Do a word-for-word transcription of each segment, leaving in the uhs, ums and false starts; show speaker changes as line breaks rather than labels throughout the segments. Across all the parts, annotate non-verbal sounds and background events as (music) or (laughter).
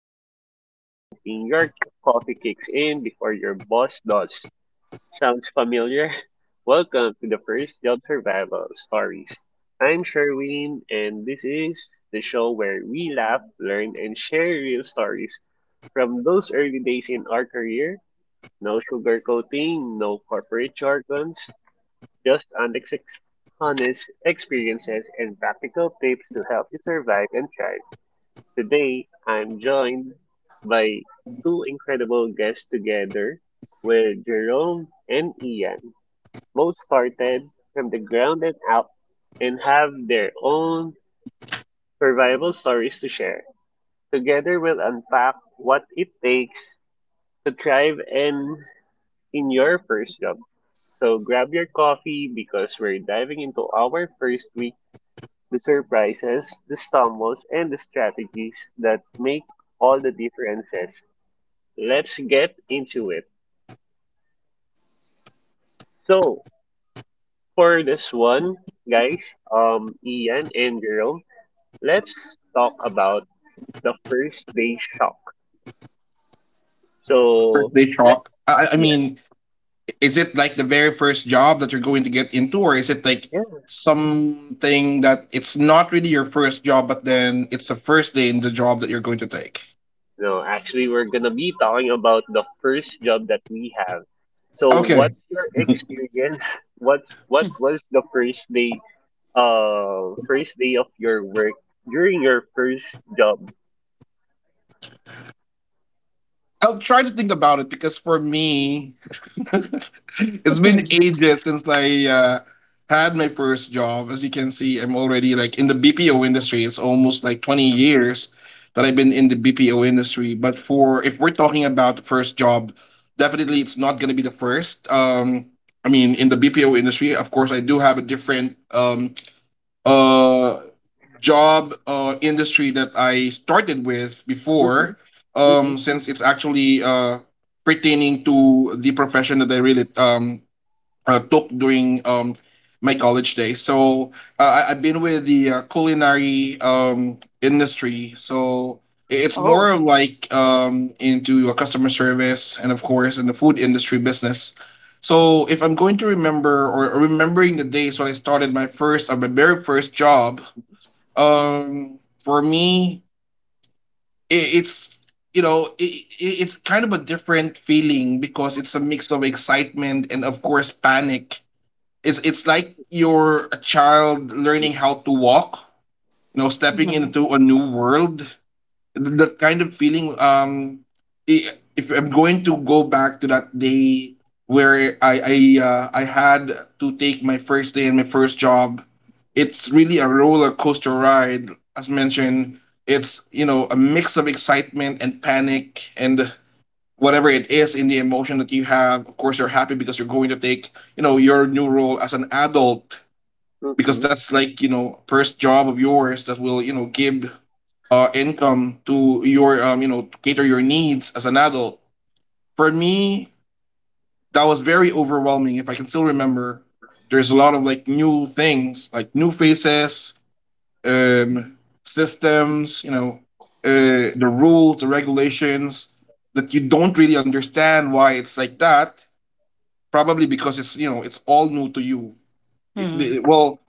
and you're just hoping your coffee kicks in before your boss does. Sounds familiar? (laughs) Welcome to the first job survival stories. I'm Sherwin, and this is the show where we laugh, learn, and share real stories from those early days in our career, no sugarcoating, no corporate jargons, just honest, ex- honest experiences and practical tips to help you survive and thrive. Today, I'm joined by two incredible guests together with Jerome and Ian. Both started from the ground and up and have their own survival stories to share. Together, we'll unpack what it takes to thrive and in your first job. So grab your coffee because we're diving into our first week, the surprises, the stumbles, and the strategies that make all the differences. Let's get into it. So for this one, guys, um, Ian and Jerome, let's talk about the first day shock.
First
So
day shock?
let's,
I, I
yeah,
mean, is it like the very first job that you're going to get into, or is it like
yeah.
something that it's not really your first job, but then it's the first day in the job that you're going to take?
No, actually, we're gonna be talking about the first job that we have. So,
Okay,
what's your
(laughs)
experience? (laughs) What's what was the first day, uh, first day of your work during your first job?
I'll try to think about it because for me, (laughs) it's been
Mm.
ages since I uh, had my first job. As you can see, I'm already like in the B P O industry. It's almost like twenty years that I've been in the B P O industry. But for if we're talking about the first job, definitely it's not going to be the first. Um, I mean, in the B P O industry, of course, I do have a different um, uh, job uh, industry that I started with
Mhm,
before,
mhm,
um, since it's actually uh, pertaining to the profession that I really um, uh, took during um, my college days. So uh, I, I've been with the uh, culinary um, industry. So it's more
Oh.
like um, into a customer service and, of course, in the food industry business. So if I'm going to remember or or remembering the days when I started my first, uh, my very first job, um, for me, I it's you know I it's kind of a different feeling because it's a mix of excitement and of course panic. It's it's like you're a child learning how to walk, you know, stepping
Mm.
into a new world. That kind of feeling. Um, i- if I'm going to go back to that day where I I uh, I had to take my first day and my first job, it's really a roller coaster ride. As mentioned, it's you know a mix of excitement and panic and whatever it is in the emotion that you have. Of course, you're happy because you're going to take you know your new role as an adult because
mhm.
that's like you know first job of yours that will you know give uh income to your um you know to cater your needs as an adult. For me, that was very overwhelming if I can still remember. There's a lot of like new things, like new faces, um systems, you know uh the rules, the regulations that you don't really understand why it's like that, probably because it's you know it's all new to you. It- the-
Mm.
well,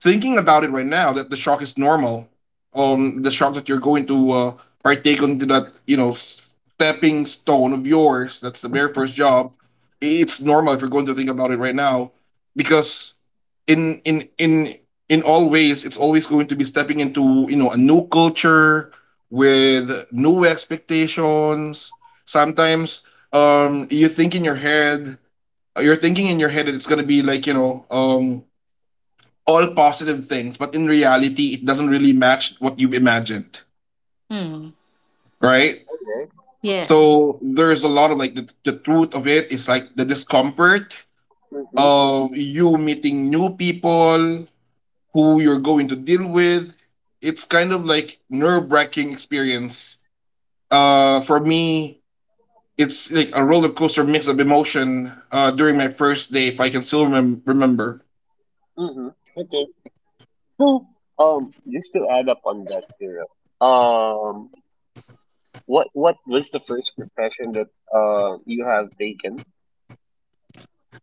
thinking about it right now, that the shock is normal. Um, the shock that you're going to uh, partake into that, you know, stepping stone of yours. That's the very first job. It's normal if you're going to think about it right now, because in in in in all ways, it's always going to be stepping into you know a new culture with new expectations. Sometimes um you think in your head, you're thinking in your head that it's gonna be like you know um all positive things, but in reality, it doesn't really match what you imagined,
Mm.
right?
Okay.
Yes.
So there's a lot of like the, the truth of it is like the discomfort
Mhm,
of you meeting new people who you're going to deal with. It's kind of like nerve wracking experience. Uh, for me, it's like a roller coaster mix of emotion uh, during my first day, if I can still remem- remember.
mhm. Okay. So, um, just to add up on that, Cyril, um, what what was the first profession that uh you have taken?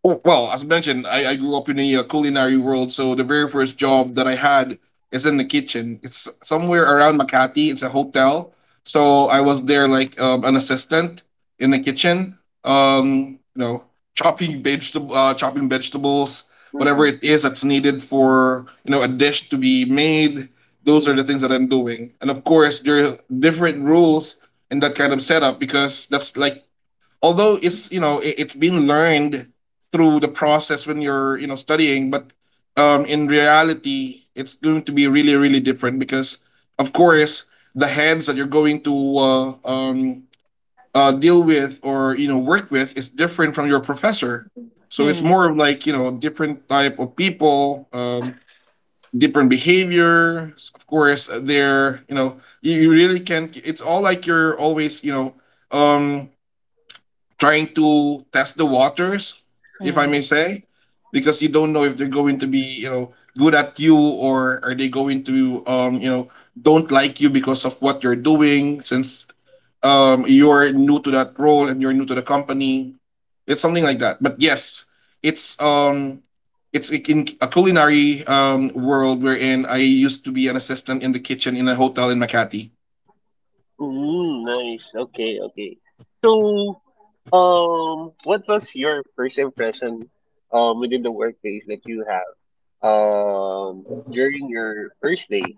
Oh, Well, as mentioned, I, I grew up in the uh, culinary world, so the very first job that I had is in the kitchen. It's somewhere around Makati. It's a hotel, so I was there like um, an assistant in the kitchen. Um, you know, chopping vegetable, uh, chopping vegetables, whatever
Mhm,
it is that's needed for you know a dish to be made. Those are the
mhm.
things that I'm doing, and of course there are different rules in that kind of setup because that's like although it's you know it, it's been learned through the process when you're you know studying, but um in reality it's going to be really really different because of course the heads that you're going to uh, um uh, deal with or you know work with is different from your professor, so it's
Mm.
more of like you know different type of people, um different behaviors. Of course, uh, they're, you know you, you really can't. It's all like you're always, you know um trying to test the waters, if I may
Mm.
say, because you don't know if they're going to be, you know, good at you or are they going to, um, you know, don't like you because of what you're doing, since um, you're new to that role and you're new to the company. It's something like that. But yes, it's um, it's in a culinary um, world wherein I used to be an assistant in the kitchen in a hotel in Makati.
Mm, nice. Okay, okay. So, um, what was your first impression, um, within the workplace that you have, um, during your first day?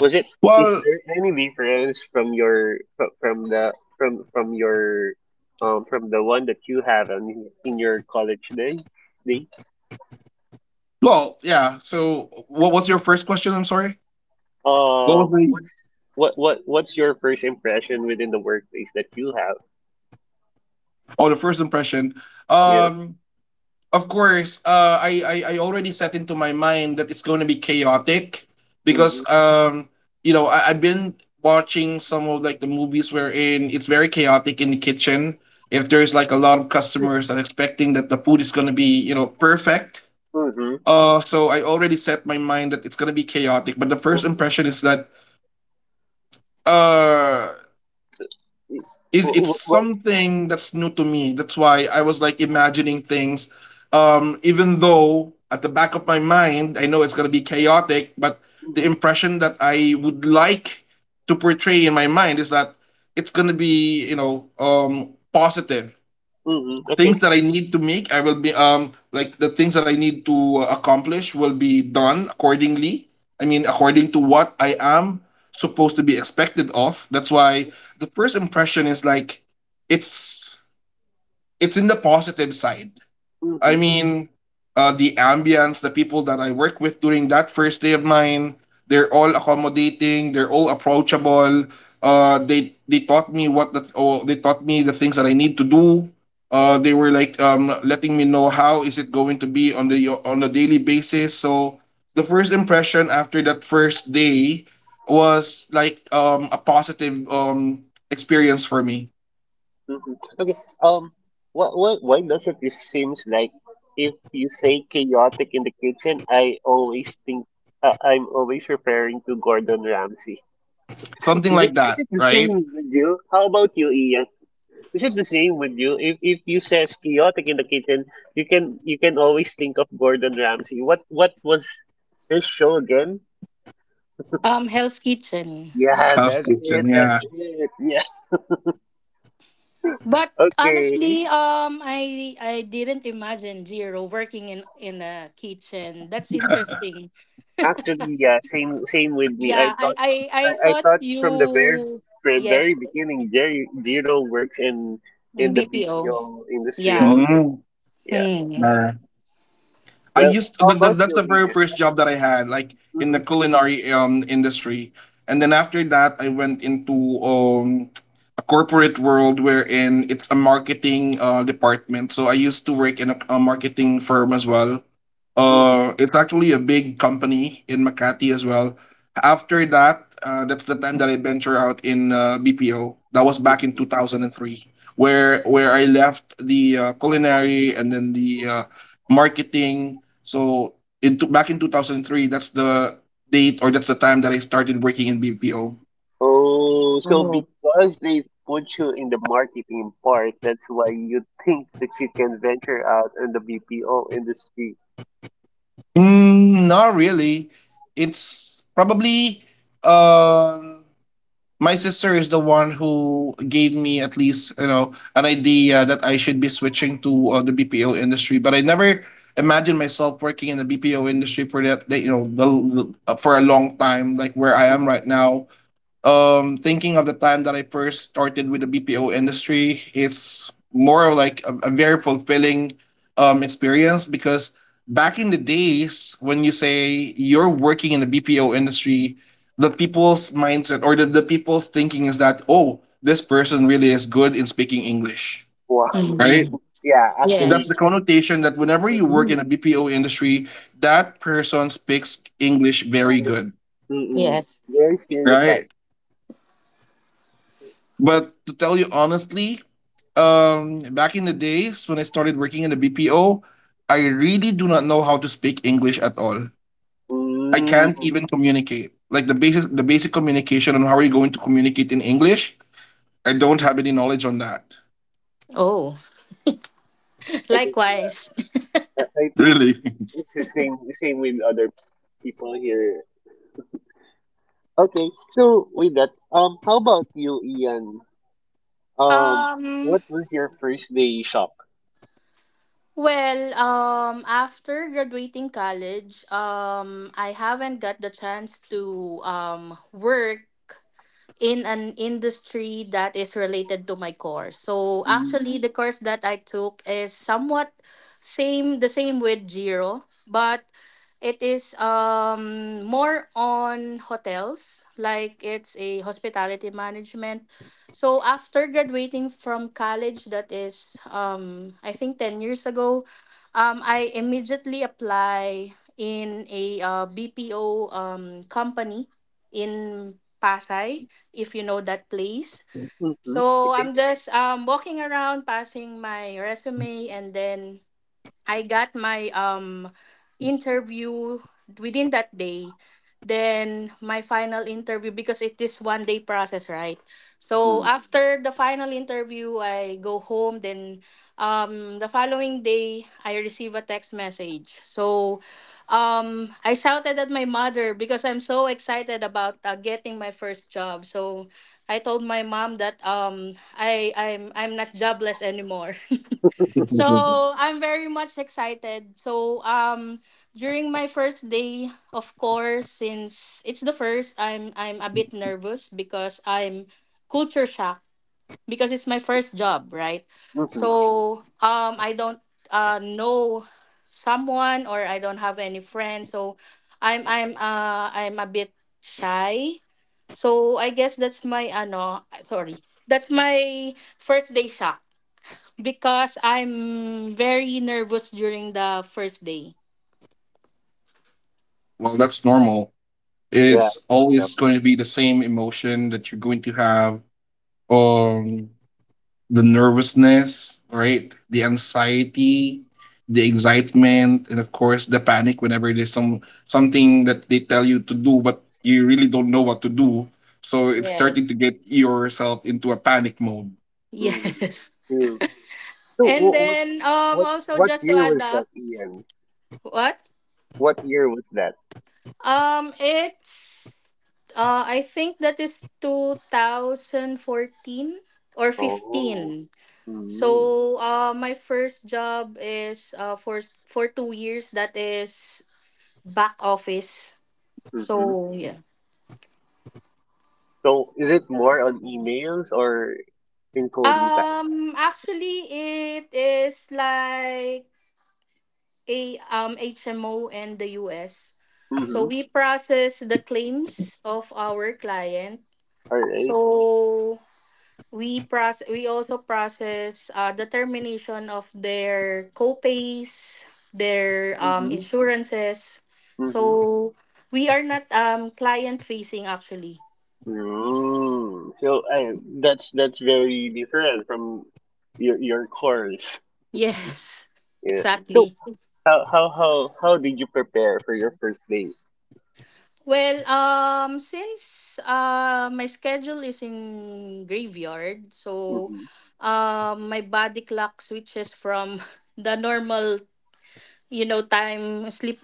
Was it, is
Well,
there any difference from your, fro- from the, from, from your, um, from the one that you have in, in your college day? day?
well, yeah. So, what was your first question? I'm sorry. What was
Um,
the
what's, what, what, what's your first impression within the workplace that you have?
oh the first impression?
Yeah.
Um, of course, uh, I, I I already set into my mind that it's going to be chaotic because
Mm-hmm.
um you know I, I've been watching some of like the movies wherein it's very chaotic in the kitchen. If there's like a lot of customers and expecting that the food is going to be you know perfect.
Mm-hmm.
Uh, so I already set my mind that it's going to be chaotic. But the first impression is that uh it, it's
What?
something that's new to me. That's why I was like imagining things, um even though at the back of my mind I know it's going to be chaotic, but the
Hmm.
impression that I would like to portray in my mind is that it's going to be you know um positive
Hmm. Okay.
things that I need to make, I will be um like the things that I need to uh, accomplish will be done accordingly. I mean, according to what I am supposed to be expected of. That's why the first impression is like it's it's in the positive side. I
Hmm.
mean, uh, the ambience, the people that I work with during that first day of mine, they're all accommodating, they're all approachable. Uh, they they taught me what the oh, they taught me the things that I need to do. Uh, they were like um letting me know how is it going to be on the on a daily basis. So the first impression after that first day was like um a positive um experience for me,
Hmm. Okay. Um. what what Why does it? It seems like if you say chaotic in the kitchen, I always think, uh, I'm always referring to Gordon Ramsay.
something
Is it?
like
Is
that,
it the
right?
same with you? How about you, Ian? Is it the same with you? If if you says chaotic in the kitchen, you can you can always think of Gordon Ramsay. What what was his show again?
Um, Hell's Kitchen.
Yeah,
House
that's
kitchen,
it.
yeah.
That's it. Yeah.
But
Okay.
honestly, um, I I didn't imagine Jiro working in in a kitchen. That's interesting.
Actually, yeah, same same with me. I
Yeah, I
thought,
I I
I, I
thought
thought from the very
you,
from very
yes,
beginning, Jerry Jiro works in in the
B P O.
B P O industry
Yeah.
already.
Mm,
Yeah.
Hmm.
I
Well,
used
how
that, that,
about
that's the
you,
very
Leah?
first
Okay.
job that I had, like in
Mm-hmm.
the culinary um industry, and then after that, I went into um a corporate world wherein it's a marketing uh department. So I used to work in a, a marketing firm as well.
Mm-hmm.
Uh, it's actually a big company in Makati as well. After that, uh, that's the time that I venture out in uh, B P O. That was back in two
Mm-hmm.
thousand and three, where where I left the uh, culinary and then the uh, marketing, so in t- back in two thousand three, that's the date or that's the time that I started working in B P O.
Oh, so
Oh.
because they put you in the marketing part, that's why you think that you can venture out in the B P O industry.
Mm, not really. It's probably um my sister is the one who gave me at least you know an idea that I should be switching to uh, the B P O industry, but I never imagined myself working in the B P O industry for that, that you know the, the- uh, for a long time, like where I am right now. Um thinking of the time that I first started with the B P O industry, it's more of like a, a very fulfilling um experience because back in the days when you say you're working in the B P O industry, the people's mindset or the, the people's thinking is that, oh, this person really is good in speaking English.
Wow.
Right?
Hmm.
(laughs) Yeah,
That's
actually,
the
Yes.
connotation that whenever you work
mm-mm.
in a B P O industry, that person speaks English very
English,
good.
mm-mm.
Yes.
Very stereotyped.
Right? But to tell you honestly, um, back in the days when I started working in the B P O, I really do not know how to speak English at all. I can't
Mm,
even communicate. Like the basic the basic communication on how are you going to communicate in English, I don't have any knowledge on that.
Oh, (laughs)
I think yeah.
likewise.
I I think
Really? (laughs)
it's the same the same with other people here. Okay, so with that, um, how about you, Ian? Um,
Um.
what was your first day shock?
Well, um, after graduating college, um, I haven't got the chance to um work in an industry that is related to my course. So
Mm,
actually the course that I took is somewhat same the same with Jiro, but it is um more on hotels, like it's a hospitality management. So after graduating from college that is um I think ten years ago, um I immediately apply in a uh, B P O um company in Pasay, if you know that place.
mm-hmm.
So
Okay.
I'm just um, walking around, passing my resume, and then I got my um interview within that day. Then my final interview, because it is one day process, right? So
Mm,
after the final interview, I go home. Then um the following day, I receive a text message. So um I shouted at my mother because I'm so excited about uh, getting my first job. So I told my mom that um I I'm I'm not jobless anymore. (laughs) So I'm very much excited. So um during my first day, of course, since it's the first, I'm I'm a bit nervous because I'm culture shock, because it's my first job, right?
mm-hmm.
So um I don't uh know someone, or I don't have any friends. So I'm I'm uh I'm a bit shy. So I guess that's my ano sorry. That's my first day shock, because I'm very nervous during the first day.
Well, that's normal.
Yeah,
It's
I think so.
always going to be the same emotion that you're going to have. Um, the nervousness, right? The anxiety, the excitement, and of course the panic whenever there's some something that they tell you to do, but you really don't know what to do. So it's starting to
Yes.
get yourself into a panic mode.
Mm-hmm.
Yes. (laughs)
Yeah. So
And
what what
then um
what's
also
what
just to
year
add
was that,
up,
Ian?
what?
What year was that?
Um it's uh I think that is two thousand fourteen or
Oh.
fifteen.
Mm-hmm.
So uh my first job is uh for for two years, that is back office.
Mm-hmm.
So yeah.
So is it more on emails or in coding type?
Um actually it is like a um, H M O and the U S. So
Mm-hmm.
we process the claims of our client.
All right.
So we process we also process uh, the termination of their co-pays, their um,
Mm-hmm.
insurances.
Mm-hmm.
So we are not um client facing actually.
Mm. So I, that's that's very different from your your course.
Yes. (laughs)
Yeah. So
Exactly.
how how how how did you prepare for your first date?
Well, um, since uh, my schedule is in graveyard, so
Mm-hmm.
um, my body clock switches from (laughs) the normal, you know, time sleep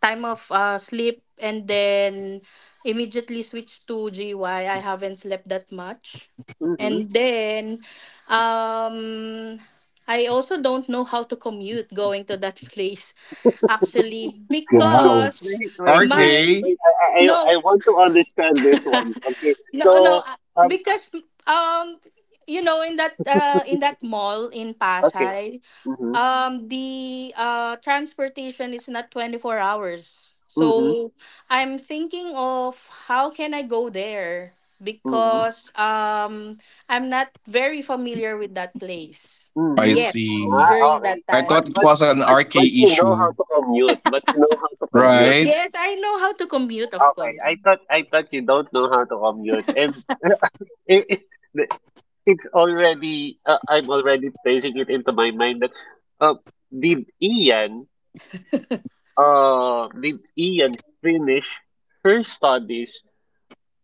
time of uh, sleep, and then immediately switch to G Y. I haven't slept that much.
Mm-hmm.
And then um, I also don't know how to commute going to that (laughs) place actually,
Wow.
because
Wait, wait, wait,
my
R K.
wait. I I I I
no
want to understand this one. Okay.
No,
So
no, uh,
um.
because um, you know, in that uh, in that mall in
Okay.
Pasay,
Mm-hmm.
um, the uh transportation is not twenty four hours.
Mm-hmm.
So I'm thinking of how can I go there,
Mm-hmm.
because um I'm not very familiar with that place
I
Mm-hmm.
yet
see.
Ah,
during that
alright.
I
But
time.
thought it
but
was an
but
R K
but you know how
issue.
to commute. But you know how to commute.
Right?
Yes, I know how to commute, of
Okay, I
course.
thought I thought you don't know how to commute, and (laughs) it, it, the- it's already, uh, I'm already placing it into my mind that, uh, did Ian, uh did Ian finish her studies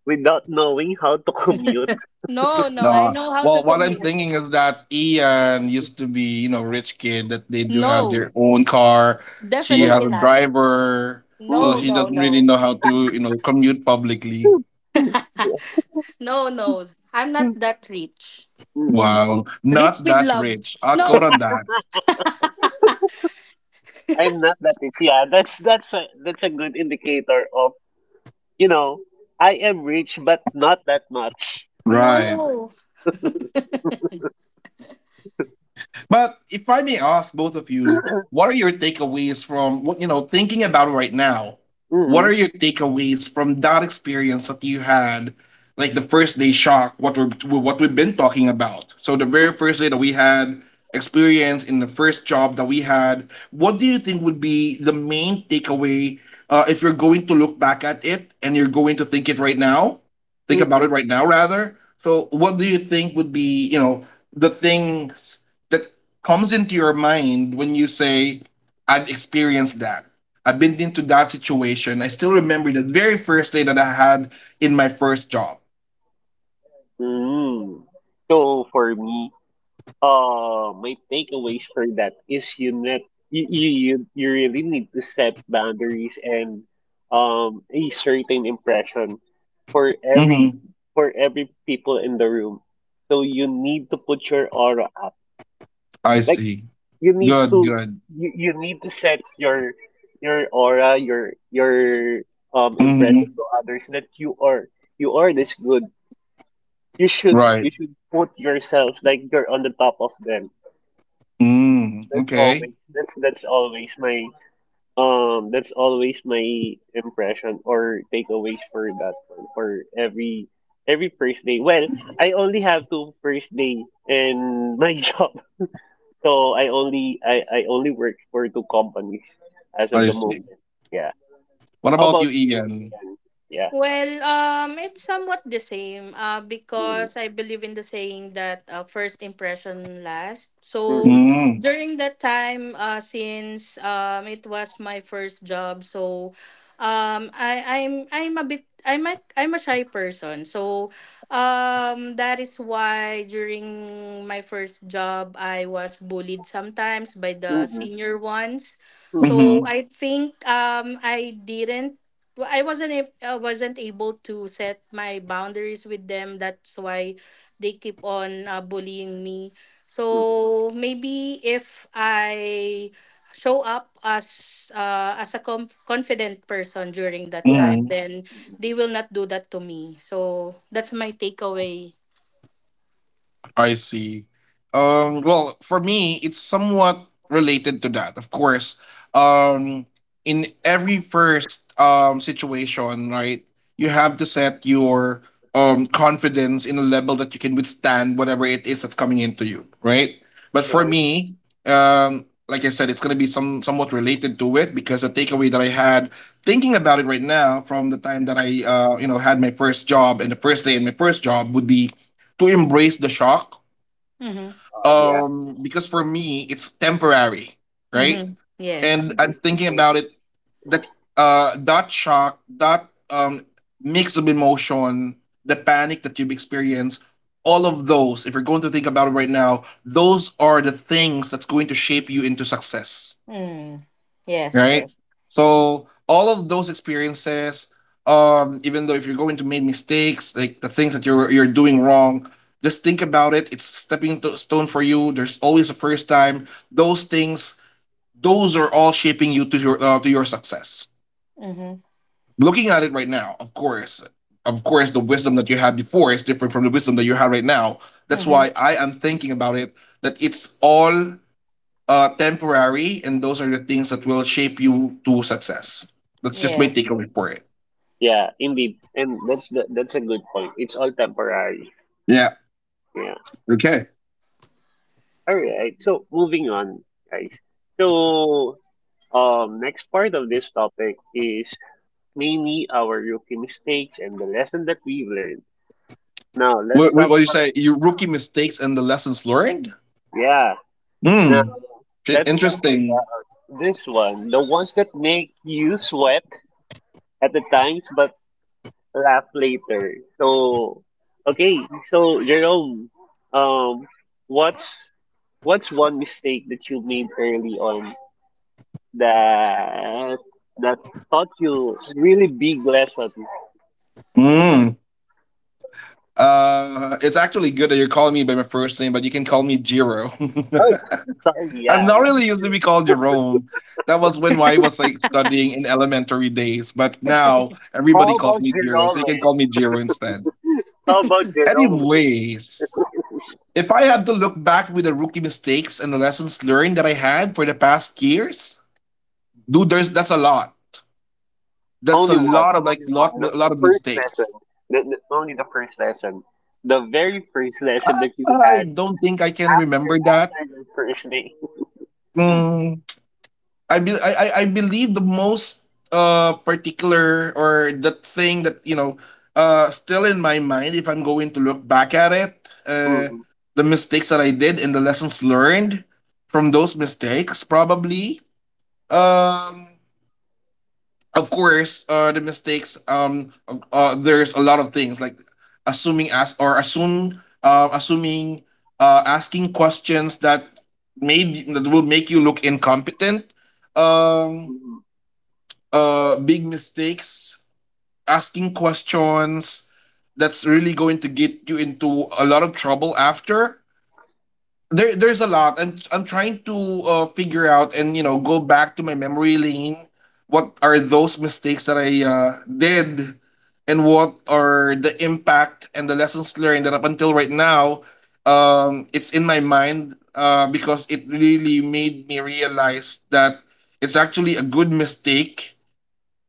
without knowing how to (laughs) commute?
No, no, I
No.
know how to
Well, what I'm
commute.
thinking is that Ian used to be, you know, rich kid that they do have their
No,
own car. She has
definitely
Mm,
a
not.
driver, so
No,
mm,
she
no,
doesn't really
no.
know how to, you know, commute publicly.
mm, yeah,
(laughs) No, no. I'm not that rich.
mm. (laughs)
Wow,
Rich
not
with
that
love.
rich. I'll quote
No,
on that.
I'm not that rich. Yeah, that's that's a that's a good indicator of, you know I am rich but not that much.
Right.
no.
But if I may ask both of you, what are your takeaways from what you know thinking about right now? What are
Mm-hmm.
your takeaways from that experience that you had, like the first day shock? What we what we've been talking about. So the very first day that we had experience in the first job that we had. What do you think would be the main takeaway uh, if you're going to look back at it and you're going to think it right now? Think about it right now, rather. So, what do you think would be, you know, the things that comes into your mind when you say, I've experienced that. I've been into that situation. I still remember the very first day that I had in my first job.
Mm. So for me, uh, my takeaways for that is, you net you, you you you really need to set boundaries and um a certain impression for every
Mm-hmm.
for every people in the room. So you need to put your aura up.
I
Like,
see.
you need
Good,
to
good.
you, you need to set your your aura, your your um impression
Mm-hmm.
to others, that you are you are this good, you should
Right.
you should put yourself like you're on the top of them.
Mm.
That's
Okay.
always that's that's always my um that's always my impression or takeaways for that one, for every every first day. Well, I only have two first day in my (laughs) job. So I only I, I only work for two companies as of
I
the
see.
moment. Yeah.
What
How
about
about
you,
you,
Ian?
Ian? Yeah.
Well, um, it's somewhat the same, uh,
Mm-hmm.
because I believe in the saying that, uh, first impression lasts. So
Mm-hmm.
Mm.
during that time, uh, since um, it was my first job, so um, I, I'm I'm a bit I'm a, I'm a shy person. So um, that is why during my first job, I was bullied sometimes by the
Mm-hmm.
senior ones.
Mm-hmm.
So
Mm-hmm.
I think um I didn't well, I wasn't ab- I wasn't able to set my boundaries with them. That's why they keep on uh, bullying me.
Mm-hmm.
So maybe if I show up as uh, as a com- confident person during that
Yeah.
time,
Mm-hmm.
then
Mm-hmm.
they will not do that to me. So that's my takeaway.
I see. Um, well, for me, it's somewhat related to that. Of course, um, in every first um, situation, right, you have to set your um, confidence in a level that you can withstand whatever it is that's coming into you, right? But for
Right?
me, um, like I said, it's gonna be some somewhat related to it because the takeaway that I had thinking about it right now from the time that I uh, you know had my first job and the first day in my first job would be to embrace the shock
Mhm.
Oh yeah.
um, because for me, it's temporary, right?
Mhm. Yes.
And I'm
Embrace the
thinking
change.
about it that uh that shock, that um mix of emotion, the panic that you've experienced, all of those, if you're going to think about it right now, those are the things that's going to shape you into success,
Mm. Yes.
right?
Yes.
So all of those experiences, um, even though if you're going to make mistakes, like the things that you're you're doing wrong, just think about it. It's stepping to stone for you. There's always a first time. Those things, those are all shaping you to your uh, to your success.
Mhm.
Looking at it right now, of course, of course, the wisdom that you had before is different from the wisdom that you have right now. That's
Mhm.
why I am thinking about it. That it's all uh, temporary, and those are the things that will shape you to success. That's just my
Yes.
takeaway for it.
Yeah, indeed, and that's the, that's a good point. It's all temporary.
Yeah.
Yeah.
Okay.
All right. So moving on, guys. So, um, next part of this topic is mainly our rookie mistakes and the lesson that we've learned. Now
What,
let's
what,
talk
what do you
about,
say? Your rookie mistakes and the lessons learned?
yeah. Now
Hmm.
let's talk
Interesting.
about this one, the ones that make you sweat at the times, but laugh later. So, okay, so Jerome, um, what's what's one mistake that you made early on that that taught you really big lesson?
Hmm. Uh, it's actually good that you're calling me by my first name, but you can call me Jiro.
Oh, sorry,
(laughs) I'm
yeah,
not
yeah,
really used to be
yeah.
called Jerome. That was when I was like
(laughs)
studying in elementary days, but now everybody
How
calls
about
me Jiro, so
Jerome?
you can call me Jiro instead.
How about Jerome?
Anyways, if I had to look back with the rookie mistakes and the lessons learned that I had for the past years, dude, there's that's a lot. That's a
Only one,
lot of like
only one.
lot
The,
a
the
lot of
first
mistakes.
lesson, the, the, only the first lesson, the very first lesson that you
I
had
don't think I can
after
remember that.
after the first day.
Mm, I, be, I I- I believe the most uh particular or the thing that you know uh still in my mind if I'm going to look back at it,
(laughs)
uh
Mhm,
the mistakes that I did and the lessons learned from those mistakes probably, um of course, uh, the mistakes. Um, uh, there's a lot of things like assuming as or assume, uh, assuming, uh, asking questions that made that will make you look incompetent. Um,
mhm.
uh, Big mistakes, asking questions that's really going to get you into a lot of trouble after. There there's a lot and I'm trying to uh, figure out and you know go back to my memory lane what are those mistakes that I uh, did and what are the impact and the lessons learned that up until right now um, it's in my mind uh, because it really made me realize that it's actually a good mistake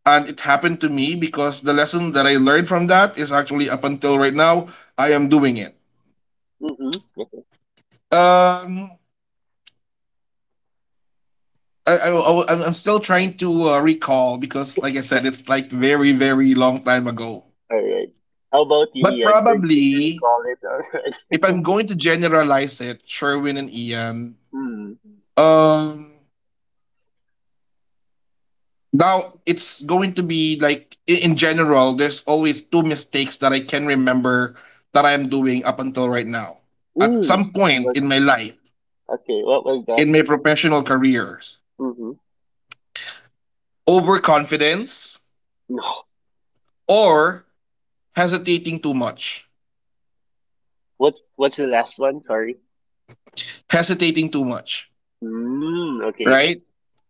and it happened to me because the lesson that I learned from that is actually up until right now I am doing it,
Mm-hmm.
um, I, I, I, am still trying to uh, recall because, like I said, it's like very, very long time ago.
All right. How about you,
But
Ian? Can, can you
probably,
recall it
if I'm
already?
going to generalize it, Sherwin and Ian,
(laughs) Mm.
um, now it's going to be like i- in general. There's always two mistakes that I can remember that I'm doing up until right now. At
Mm.
some
What
point in my
was,
life,
okay, what was that?
in my professional careers,
Mm-hmm.
overconfidence
No.
or hesitating too much.
What's what's the last one? Sorry.
Hesitating too much,
Mm. Okay.
right?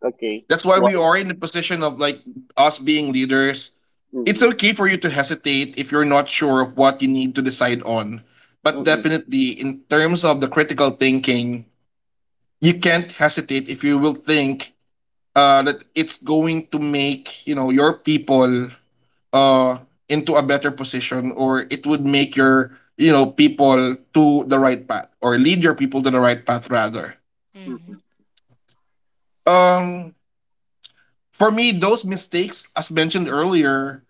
Okay.
That's why we
Why?
are in the position of like us being leaders. It's
Mm-hmm.
okay for you to hesitate if you're not sure of what you need to decide on. But
Mm-mm.
definitely, in terms of the critical thinking, you can't hesitate if you will think uh, that it's going to make you know your people uh, into a better position, or it would make your you know people to the right path, or lead your people to the right path rather.
Mm-hmm.
Mhm.
Um, for me, those mistakes, as mentioned earlier,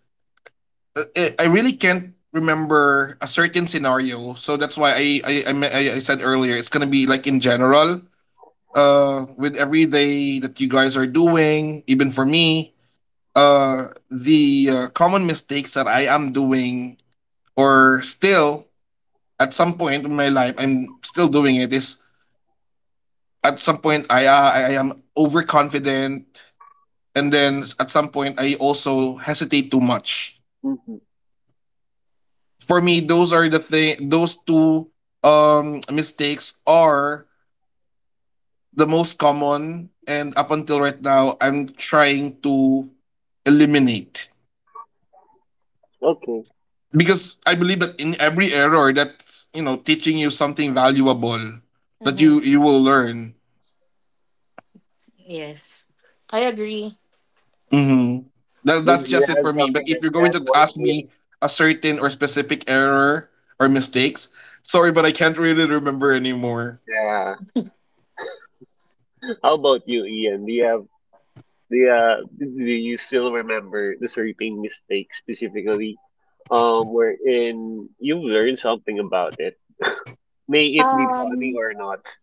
I, I really can't remember a certain scenario. So that's why I I, I, me- I- I said earlier it's gonna be like in general, uh, with every day that you guys are doing, even for me, uh, the uh, common mistakes that I am doing or still at some point in my life I'm still doing it is at some point I uh, I I am overconfident and then s- at some point I also hesitate too much.
Mm-hmm.
For me, those are the thing. Those two um mistakes are the most common, and up until right now, I'm trying to eliminate,
Okay.
because I believe that in every error, that's you know teaching you something valuable that you
Mhm.
you will learn.
Yes. I agree.
Mm-hmm. That, that's
Maybe you
just it
have
for me. But
something
if
like
you're going
that
to
one,
ask me
Ian.
a certain or specific error or mistakes, sorry, but I can't really remember anymore.
Yeah. How about you, Ian? Do you have do you, uh, do you still remember the sleeping mistake specifically, um, wherein you learn something about it? May it be funny
Um,
or not.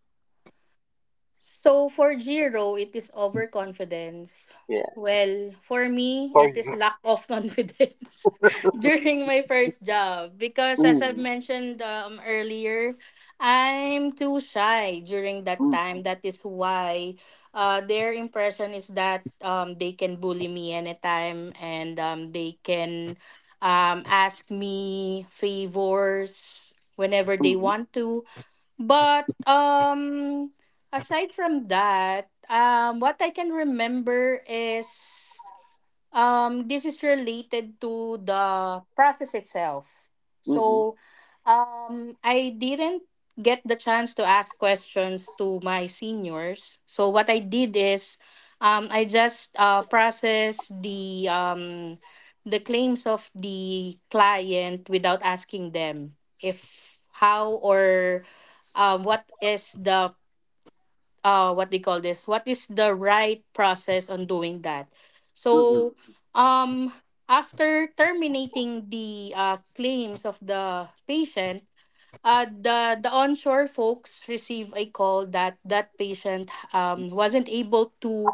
so for Jiro, it is overconfidence.
Yeah.
Well, for me,
For
it is
you.
lack of (laughs) confidence
(laughs)
during my first job because, as I've
Mm-hmm.
mentioned um, earlier, I'm too shy during that
Mm-hmm.
time. That is why, uh, their impression is that um, they can bully me anytime and um, they can, um, ask me favors whenever they
Mm-hmm.
want to. But um aside from that, um what I can remember is, Um, this is related to the process itself.
Mm-hmm.
So, um, I didn't get the chance to ask questions to my seniors. So what I did is, um, I just uh, process the um, the claims of the client without asking them if how or um, what is the uh what they call this, what is the right process on doing that. So um after terminating the uh, claims of the patient, uh, the the onshore folks receive a call that that patient um, wasn't able to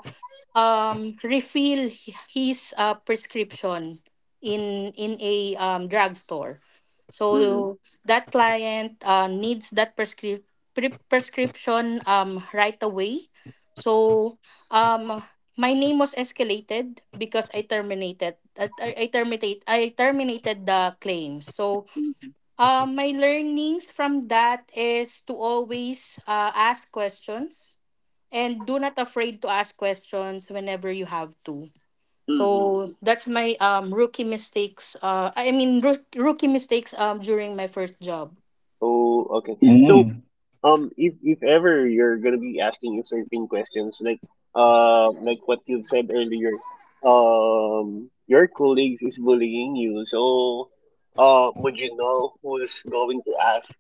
um refill hi- his uh, prescription in in a um, drugstore.
Mm-hmm.
So that client uh, needs that prescri- pre- prescription, um, right away. So um, my name was escalated because I terminated that I, I terminate I terminated the claim. So
Mm-hmm.
uh, my learnings from that is to always uh, ask questions, and do not afraid to ask questions whenever you have to.
Mm-hmm.
So that's my um rookie mistakes. Uh, I mean, roo- rookie mistakes um during my first job.
Oh, okay. So,
Mm.
um, if if ever you're gonna be asking certain questions, like, uh, like what you've said earlier, um, your colleagues is bullying you. So, uh, would you know who's going to ask?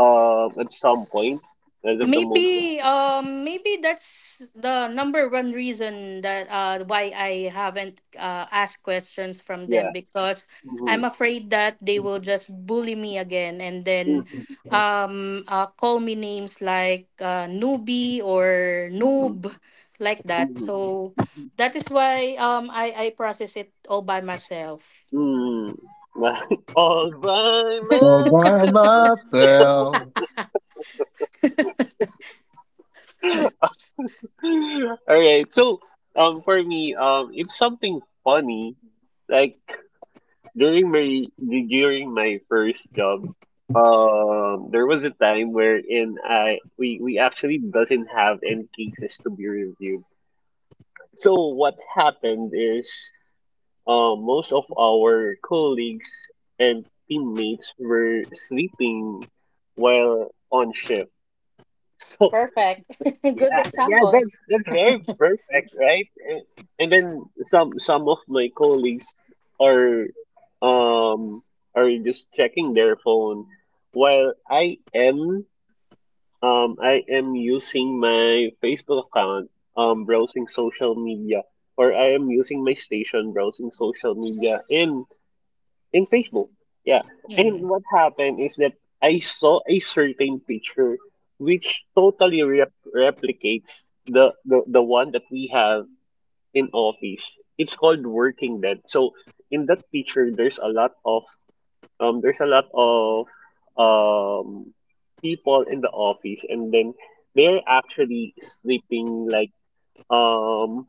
Um, at some point, as of the moment.
Maybe um maybe that's the number one reason that uh why I haven't uh asked questions from
Yeah.
them, because
Mm-hmm.
I'm afraid that they will just bully me again, and then
Mm-hmm.
um uh call me names like uh newbie or
Mm-hmm.
noob like that.
Mm-hmm.
So
Mm-hmm.
that is why um I I process it all by myself.
Hmm. (laughs) All by myself. (laughs) All right. So, um, for me, um, it's something funny. Like, during my during my first job, um, there was a time wherein I we we actually doesn't have any cases to be reviewed. So what happened is, um, most of our colleagues and teammates were sleeping while on shift. (laughs) So
Perfect. (laughs) Good
yeah, yeah,
example.
that's that's very perfect, right? And and then some some of my colleagues are, um are just checking their phone while I am um I am using my Facebook account, um browsing social media, or I am using my station browsing social media and in Facebook. Yeah. And
Mm.
what happened is that I saw a certain picture which totally rep- replicates the, the, the one that we have in office. It's called working dead. So in that picture there's a lot of um there's a lot of um people in the office, and then they're actually sleeping like, um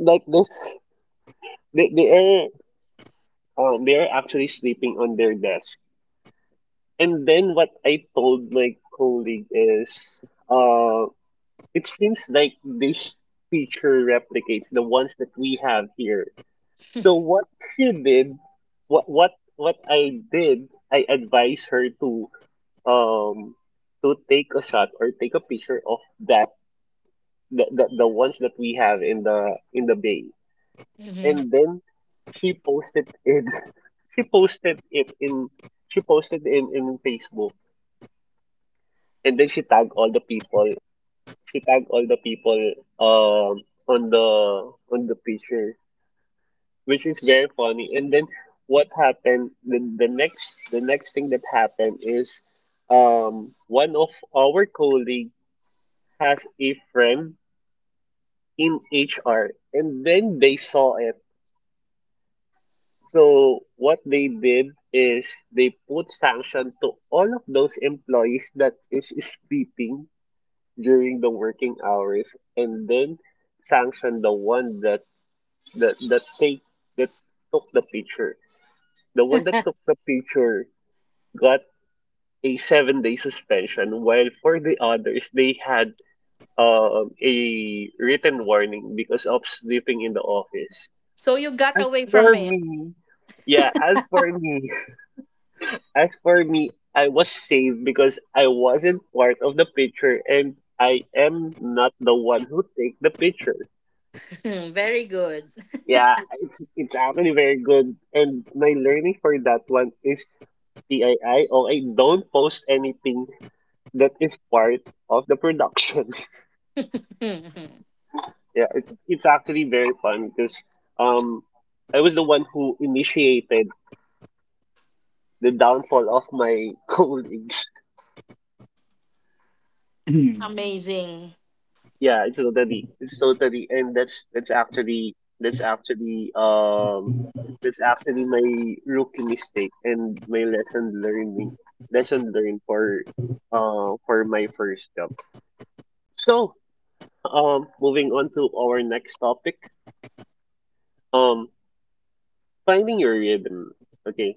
like this, they, they are um, they are actually sleeping on their desk. And then what I told my colleague is, uh, it seems like this feature replicates the ones that we have here. So what she did, what what what I did, I advised her to, um to take a shot or take a picture of that the, the, the ones that we have in the in the bay.
Hmm.
And then she posted it. (laughs) She posted it in she posted in in Facebook, and then she tagged all the people. She tagged all the people um on the on the picture, which is very funny. And then what happened? The, the next the next thing that happened is, um one of our colleague has a friend in H R, and then they saw it. So what they did is they put sanction to all of those employees that is sleeping during the working hours, and then sanction the one that that that take that took the picture. The one that
(laughs)
took the picture got a seven day suspension, while for the others they had, um, a written warning because of sleeping in the office.
So you got
As
away from
for
it.
me, yeah, as for me, (laughs) as for me, I was saved because I wasn't part of the picture and I am not the one who take the picture.
(laughs) Very good.
Yeah, it's it's actually very good. And my learning for that one is P I I. Oh, I don't post anything that is part of the production.
Mhm.
(laughs) Yeah, it's it's actually very fun because, um I was the one who initiated the downfall of my (laughs) colleagues.
Amazing.
Yeah, it's totally, it's totally, and that's that's actually that's actually um that's actually my rookie mistake and my lesson learning lesson learned for, uh for my first job. So, um moving on to our next topic, um finding your rhythm. Okay,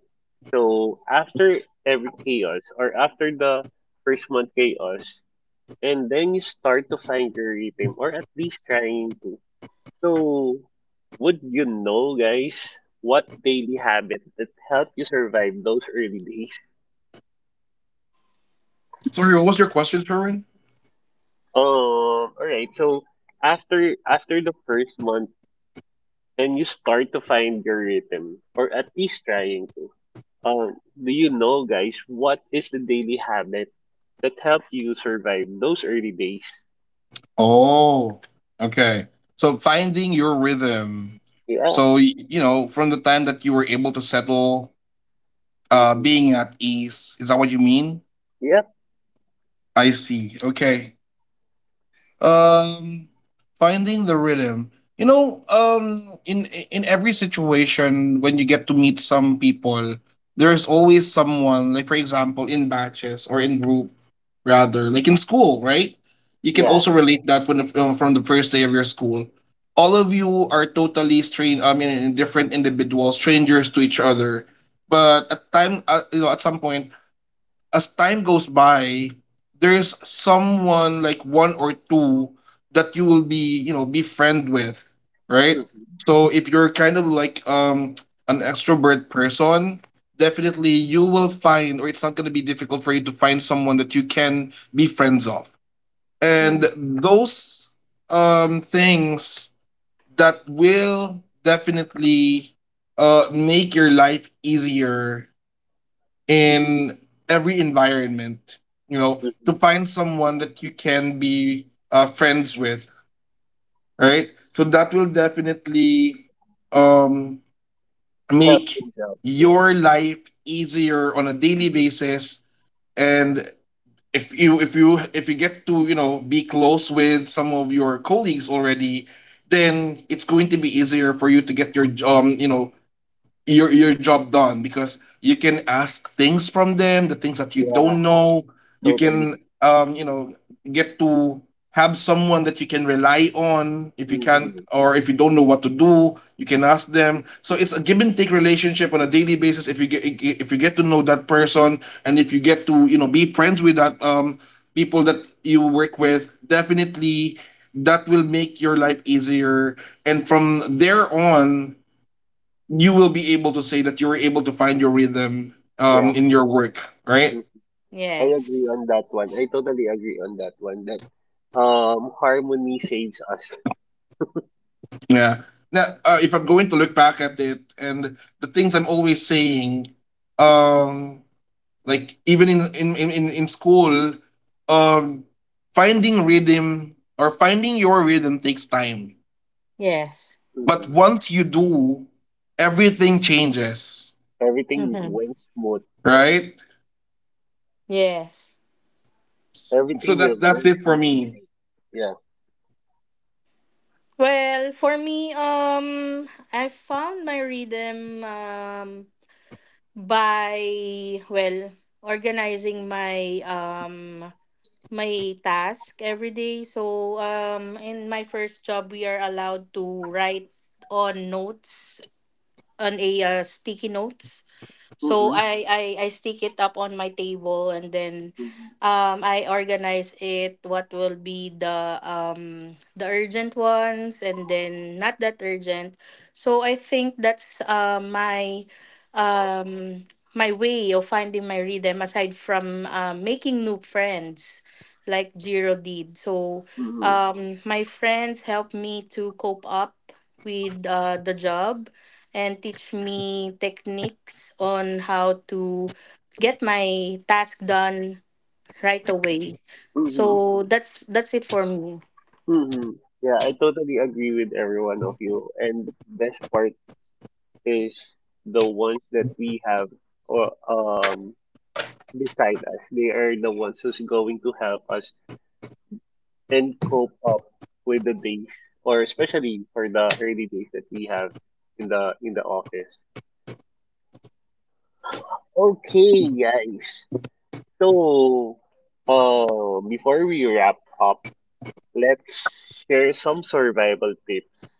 so after every chaos or after the first month chaos, and then you start to find your rhythm, or at least trying to. So, would you know, guys, what daily habit that helped you survive those early days? (laughs)
Sorry, what was your question, Sherwin?
Um, all right. So after after the first month, and you start to find your rhythm, or at least trying to. Um, do you know, guys, what is the daily habit that helped you survive those early days?
Oh, okay. So finding your rhythm.
Yeah.
So y- you know, from the time that you were able to settle, uh,
Mm-hmm.
being at ease. Is that what you mean?
Yep.
I see. Okay. Um, finding the rhythm. You know, um, in in every situation when you get to meet some people, there's always someone. Like for example, in batches or in group, rather, like in school, right? You can
Yeah.
also relate that when uh, from the first day of your school. All of you are totally strange. I mean, different individuals, strangers to each other. But at time, uh, you know, at some point, as time goes by, there's someone like one or two that you will be, you know, befriend with, right?
Mm-hmm.
So if you're kind of like um an extrovert person, definitely you will find or it's not going to be difficult for you to find someone that you can be friends of. And
Mm.
those um things that will definitely uh make your life easier in every environment, you know, to
Mm-hmm.
find someone that you can be uh, friends with, right? So that will definitely um,
Help
make
things out. Yeah.
your life easier on a daily
Mm-hmm.
basis. And if you if you if you get to you know be close with some of your colleagues already, then it's going to be easier for you to get your um you know your your job done because you can ask things from them, the things that you
Yeah.
don't know. You can
Totally.
um, you know, get to have someone that you can rely on if you can't
Mm-hmm.
or if you don't know what to do, you can ask them. So it's a give and take relationship on a daily basis if you get if you get to know that person and if you get to, you know, be friends with that um people that you work with, definitely that will make your life easier and from there on you will be able to say that you were able to find your rhythm um,
Yeah.
in your work, right?
Mm-hmm. I agree
Yes.
on that one. I totally agree on that one. That, um harmony saves us.
Yeah. Now, uh, if I'm going to look back at it and the things I'm always saying, um, like even in in in in in school, um, finding rhythm or finding your rhythm takes time.
Yes.
But
Hmm.
once you do, everything changes,
Everything
Hmm.
went smooth.
right?
Yes.
S- So
Everything will
that that's
work
it for
smoothly.
me.
Right? Yeah.
Well, for me, um, I found my rhythm um by, well, organizing my um my task every day. So um, in my first job, we are allowed to write on notes on a uh, sticky notes. So
Mm-hmm.
I, I I stick it up on my table, and then
Mm-hmm.
um I organize it, what will be the um the urgent ones and then not that urgent. So I think that's uh my um my way of finding my rhythm, aside from uh, making new friends like Jiro did. So
Mm-hmm.
um my friends help me to cope up with, uh, the job, and teach me techniques on how to get my task done right away.
Mm-hmm.
So that's that's it for me.
Mm-hmm. Yeah, I totally agree with every one of you. And best part is the ones that we have, or, um beside us. They are the ones who's going to help us and cope up with the days, or especially for the early days that we have in the in the office. Okay, guys. So, uh, before we wrap up, let's share some survival tips.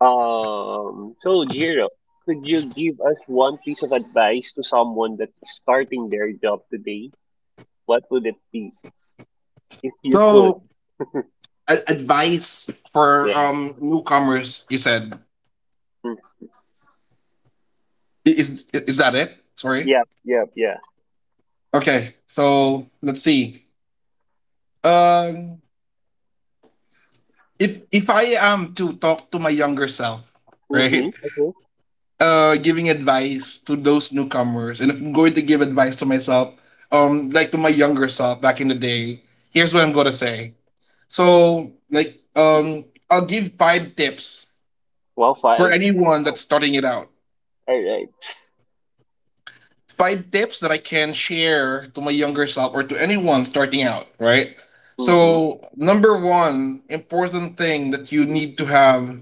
Um, so Jiro, could you give us one piece of advice to someone that's starting their job today? What would it be if you could?
So a- advice for
Yeah.
um newcomers you said.
Mm.
I- is is that it? Sorry.
Yeah. Yeah. Yeah.
Okay, so let's see. Um, if if I am to talk to my younger self, (laughs)
Mm-hmm.
right?
Okay.
Uh, giving advice to those newcomers and if I'm going to give advice to myself, um, like to my younger self back in the day, here's what I'm going to say. So like um I'll give five tips
Well,
for
five.
anyone that's starting it out,
All right.
find tips that I can share to my younger self or to anyone starting out, right?
Mm-hmm.
So, number one important thing that you need to have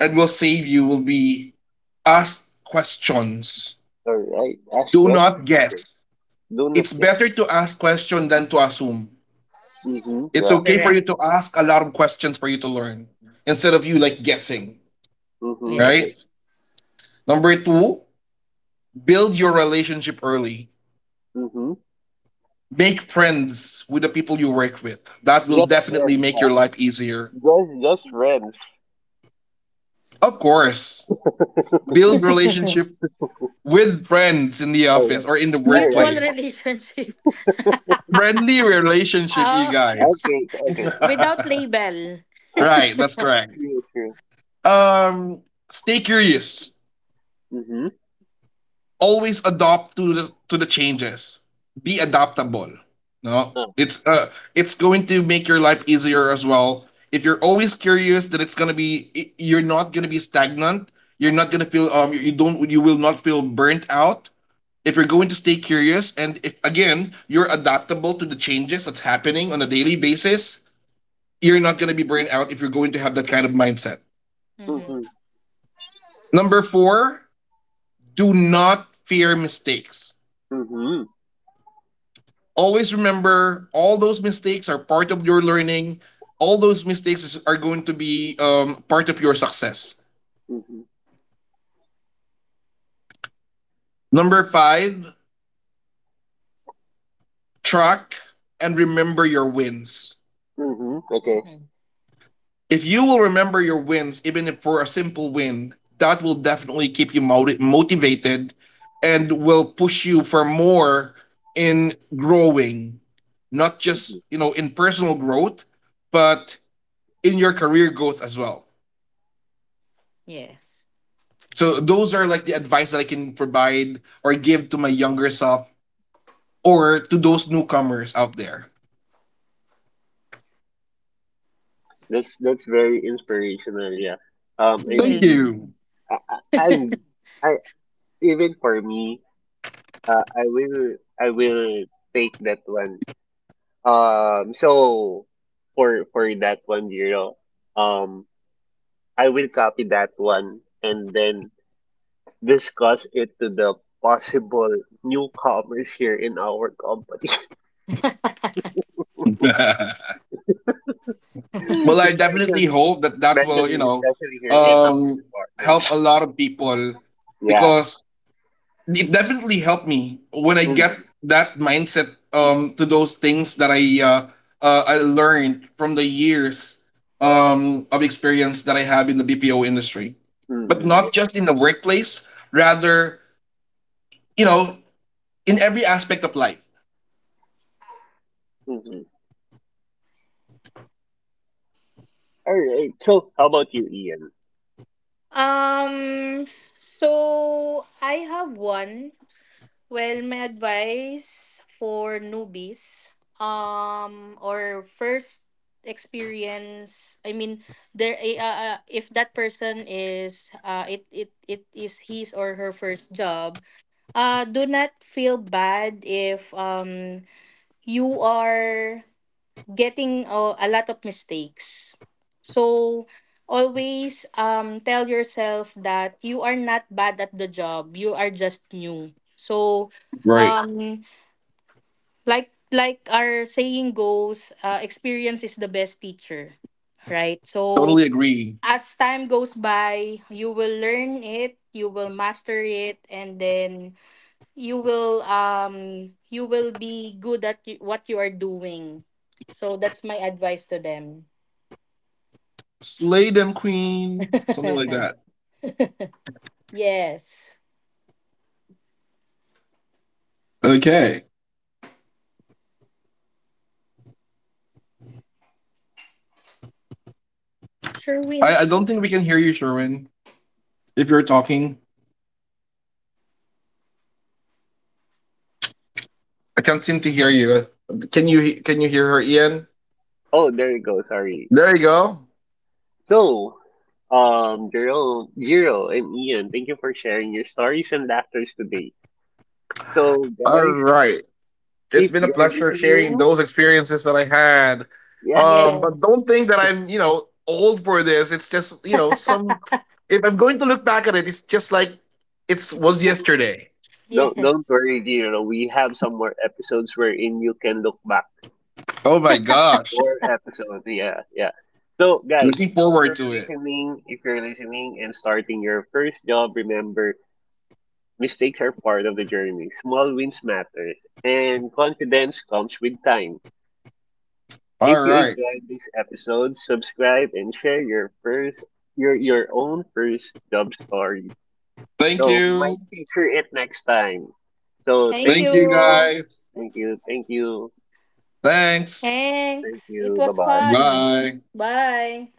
and will save you will be ask questions.
All right. Ask
Do not
questions. Okay.
guess.
Don't look
It's
yet.
better to ask question than to assume.
Mm-hmm.
It's
Yeah.
okay for you
Correct.
to ask a lot of questions for you to learn instead of you like guessing,
Mm-hmm. Okay.
right?
Yes.
Number two, build your relationship early.
Mm-hmm.
Make friends with the people you work with. That will
Just
definitely
friends,
make
huh?
your life easier.
Just just friends.
Of
(laughs)
course,
All
build
(laughs)
relationship with friends in the
right.
office or in the
All right.
Mutual
workplace.
relationship.
Friendly
(laughs)
relationship, you
Oh,
guys.
Okay.
(laughs)
Okay.
Right,
without label.
Uh,
that's correct.
True. True.
Um, stay curious.
Mm-hmm.
Always adopt to the to the changes. Be adaptable. No,
Uh,
it's uh, it's going to make your life easier as well. If you're always curious, then it's gonna be you're not gonna be stagnant. You're not gonna feel um you don't you will not feel burnt out. If you're going to stay curious and if again you're adaptable to the changes that's happening on a daily basis, you're not gonna be burnt out if you're going to have that kind of mindset.
mm-hmm.
Mm-hmm.
Number four, do not fear mistakes.
Mm-hmm.
Always remember all those mistakes are part of your learning. All those mistakes are going to be um, part of your success.
Mm-hmm.
Number five, track and remember your wins.
Mm-hmm. Okay.
Mm-hmm.
If you will remember your wins, even if for a simple win, that will definitely keep you moti- motivated and will push you for more in growing, not
Mm-hmm.
just, you know, in personal growth, but in your career growth as well.
Yes.
So those are like the advice that I can provide or give to my younger self or to those newcomers out there.
That's that's very inspirational. Yeah. Um. I
Thank
believe.
you.
Mm.
I. I. I'm- I even for me. Uh. I will. I will take that one Um, so for for that one, Jiro, um, I will copy that one and then discuss it to the possible newcomers here in our company,
(laughs) Well,
(laughs)
I definitely
especially
hope that that will, you
especially
know,
especially here in our
um,
department.
help a
(laughs)
lot of people
Yeah.
because it definitely helped me when I get
Mm-hmm.
that mindset um, to those things that I uh, uh, I learned from the years um, of experience that I have in the B P O industry, but not
Mm-hmm.
just in the workplace, rather you know, in every aspect of life.
Yeah. Mm-hmm. All right. So how about you, Ian?
Um. So I have one. Well, my advice for newbies, um, or first experience. I mean, there. eh, Uh, uh, if that person is, uh, it it it is his or her first job. Uh, do not feel bad if um you are getting uh, a lot of mistakes. So always um tell yourself that you are not bad at the job. You are just new. So
Right.
um like like our saying goes, uh, experience is the best teacher, right? So
Totally agree.
as time goes by, you will learn it, you will master it, and then you will um you will be good at y- what you are doing. So that's my advice to them.
Slay them, queen. Something like that.
(laughs) Yes.
Okay.
Sure
I,
win.
I don't think we can hear you, Sherwin. If you're talking, I can't seem to hear you. Can you can you hear her, Ian?
Oh, there you go. Sorry.
There you go.
So, um, Jiro, Jiro, and Ian, thank you for sharing your stories and laughter today. So
All
guys,
right. It's
if
been a
you're
pleasure sharing
listening,
those experiences that I had.
yeah,
Um, but
Yes.
don't think that I'm, you know, old for this. It's just, you know, some
(laughs)
if I'm going to look back at it, it's just like it was yesterday.
don't don't
Yes.
worry, you know, we have some more episodes wherein you can look back.
Oh my gosh.
More episodes, yeah, yeah. So guys,
Looking
if you're
forward to it.
listening, if you're listening and starting your first job, remember, mistakes are part of the journey. Small wins matters, and confidence comes with time.
All
If you
right.
enjoyed this episode, subscribe and share your first your your own first job story.
Thank
So we
you.
might feature it next time. So
Thank
Thank
thank
you
you.
you.
guys.
Thank you. Thank you.
Thanks.
Thank
Thanks. It
you. Bye
was
bye.
fun.
Bye.
Bye.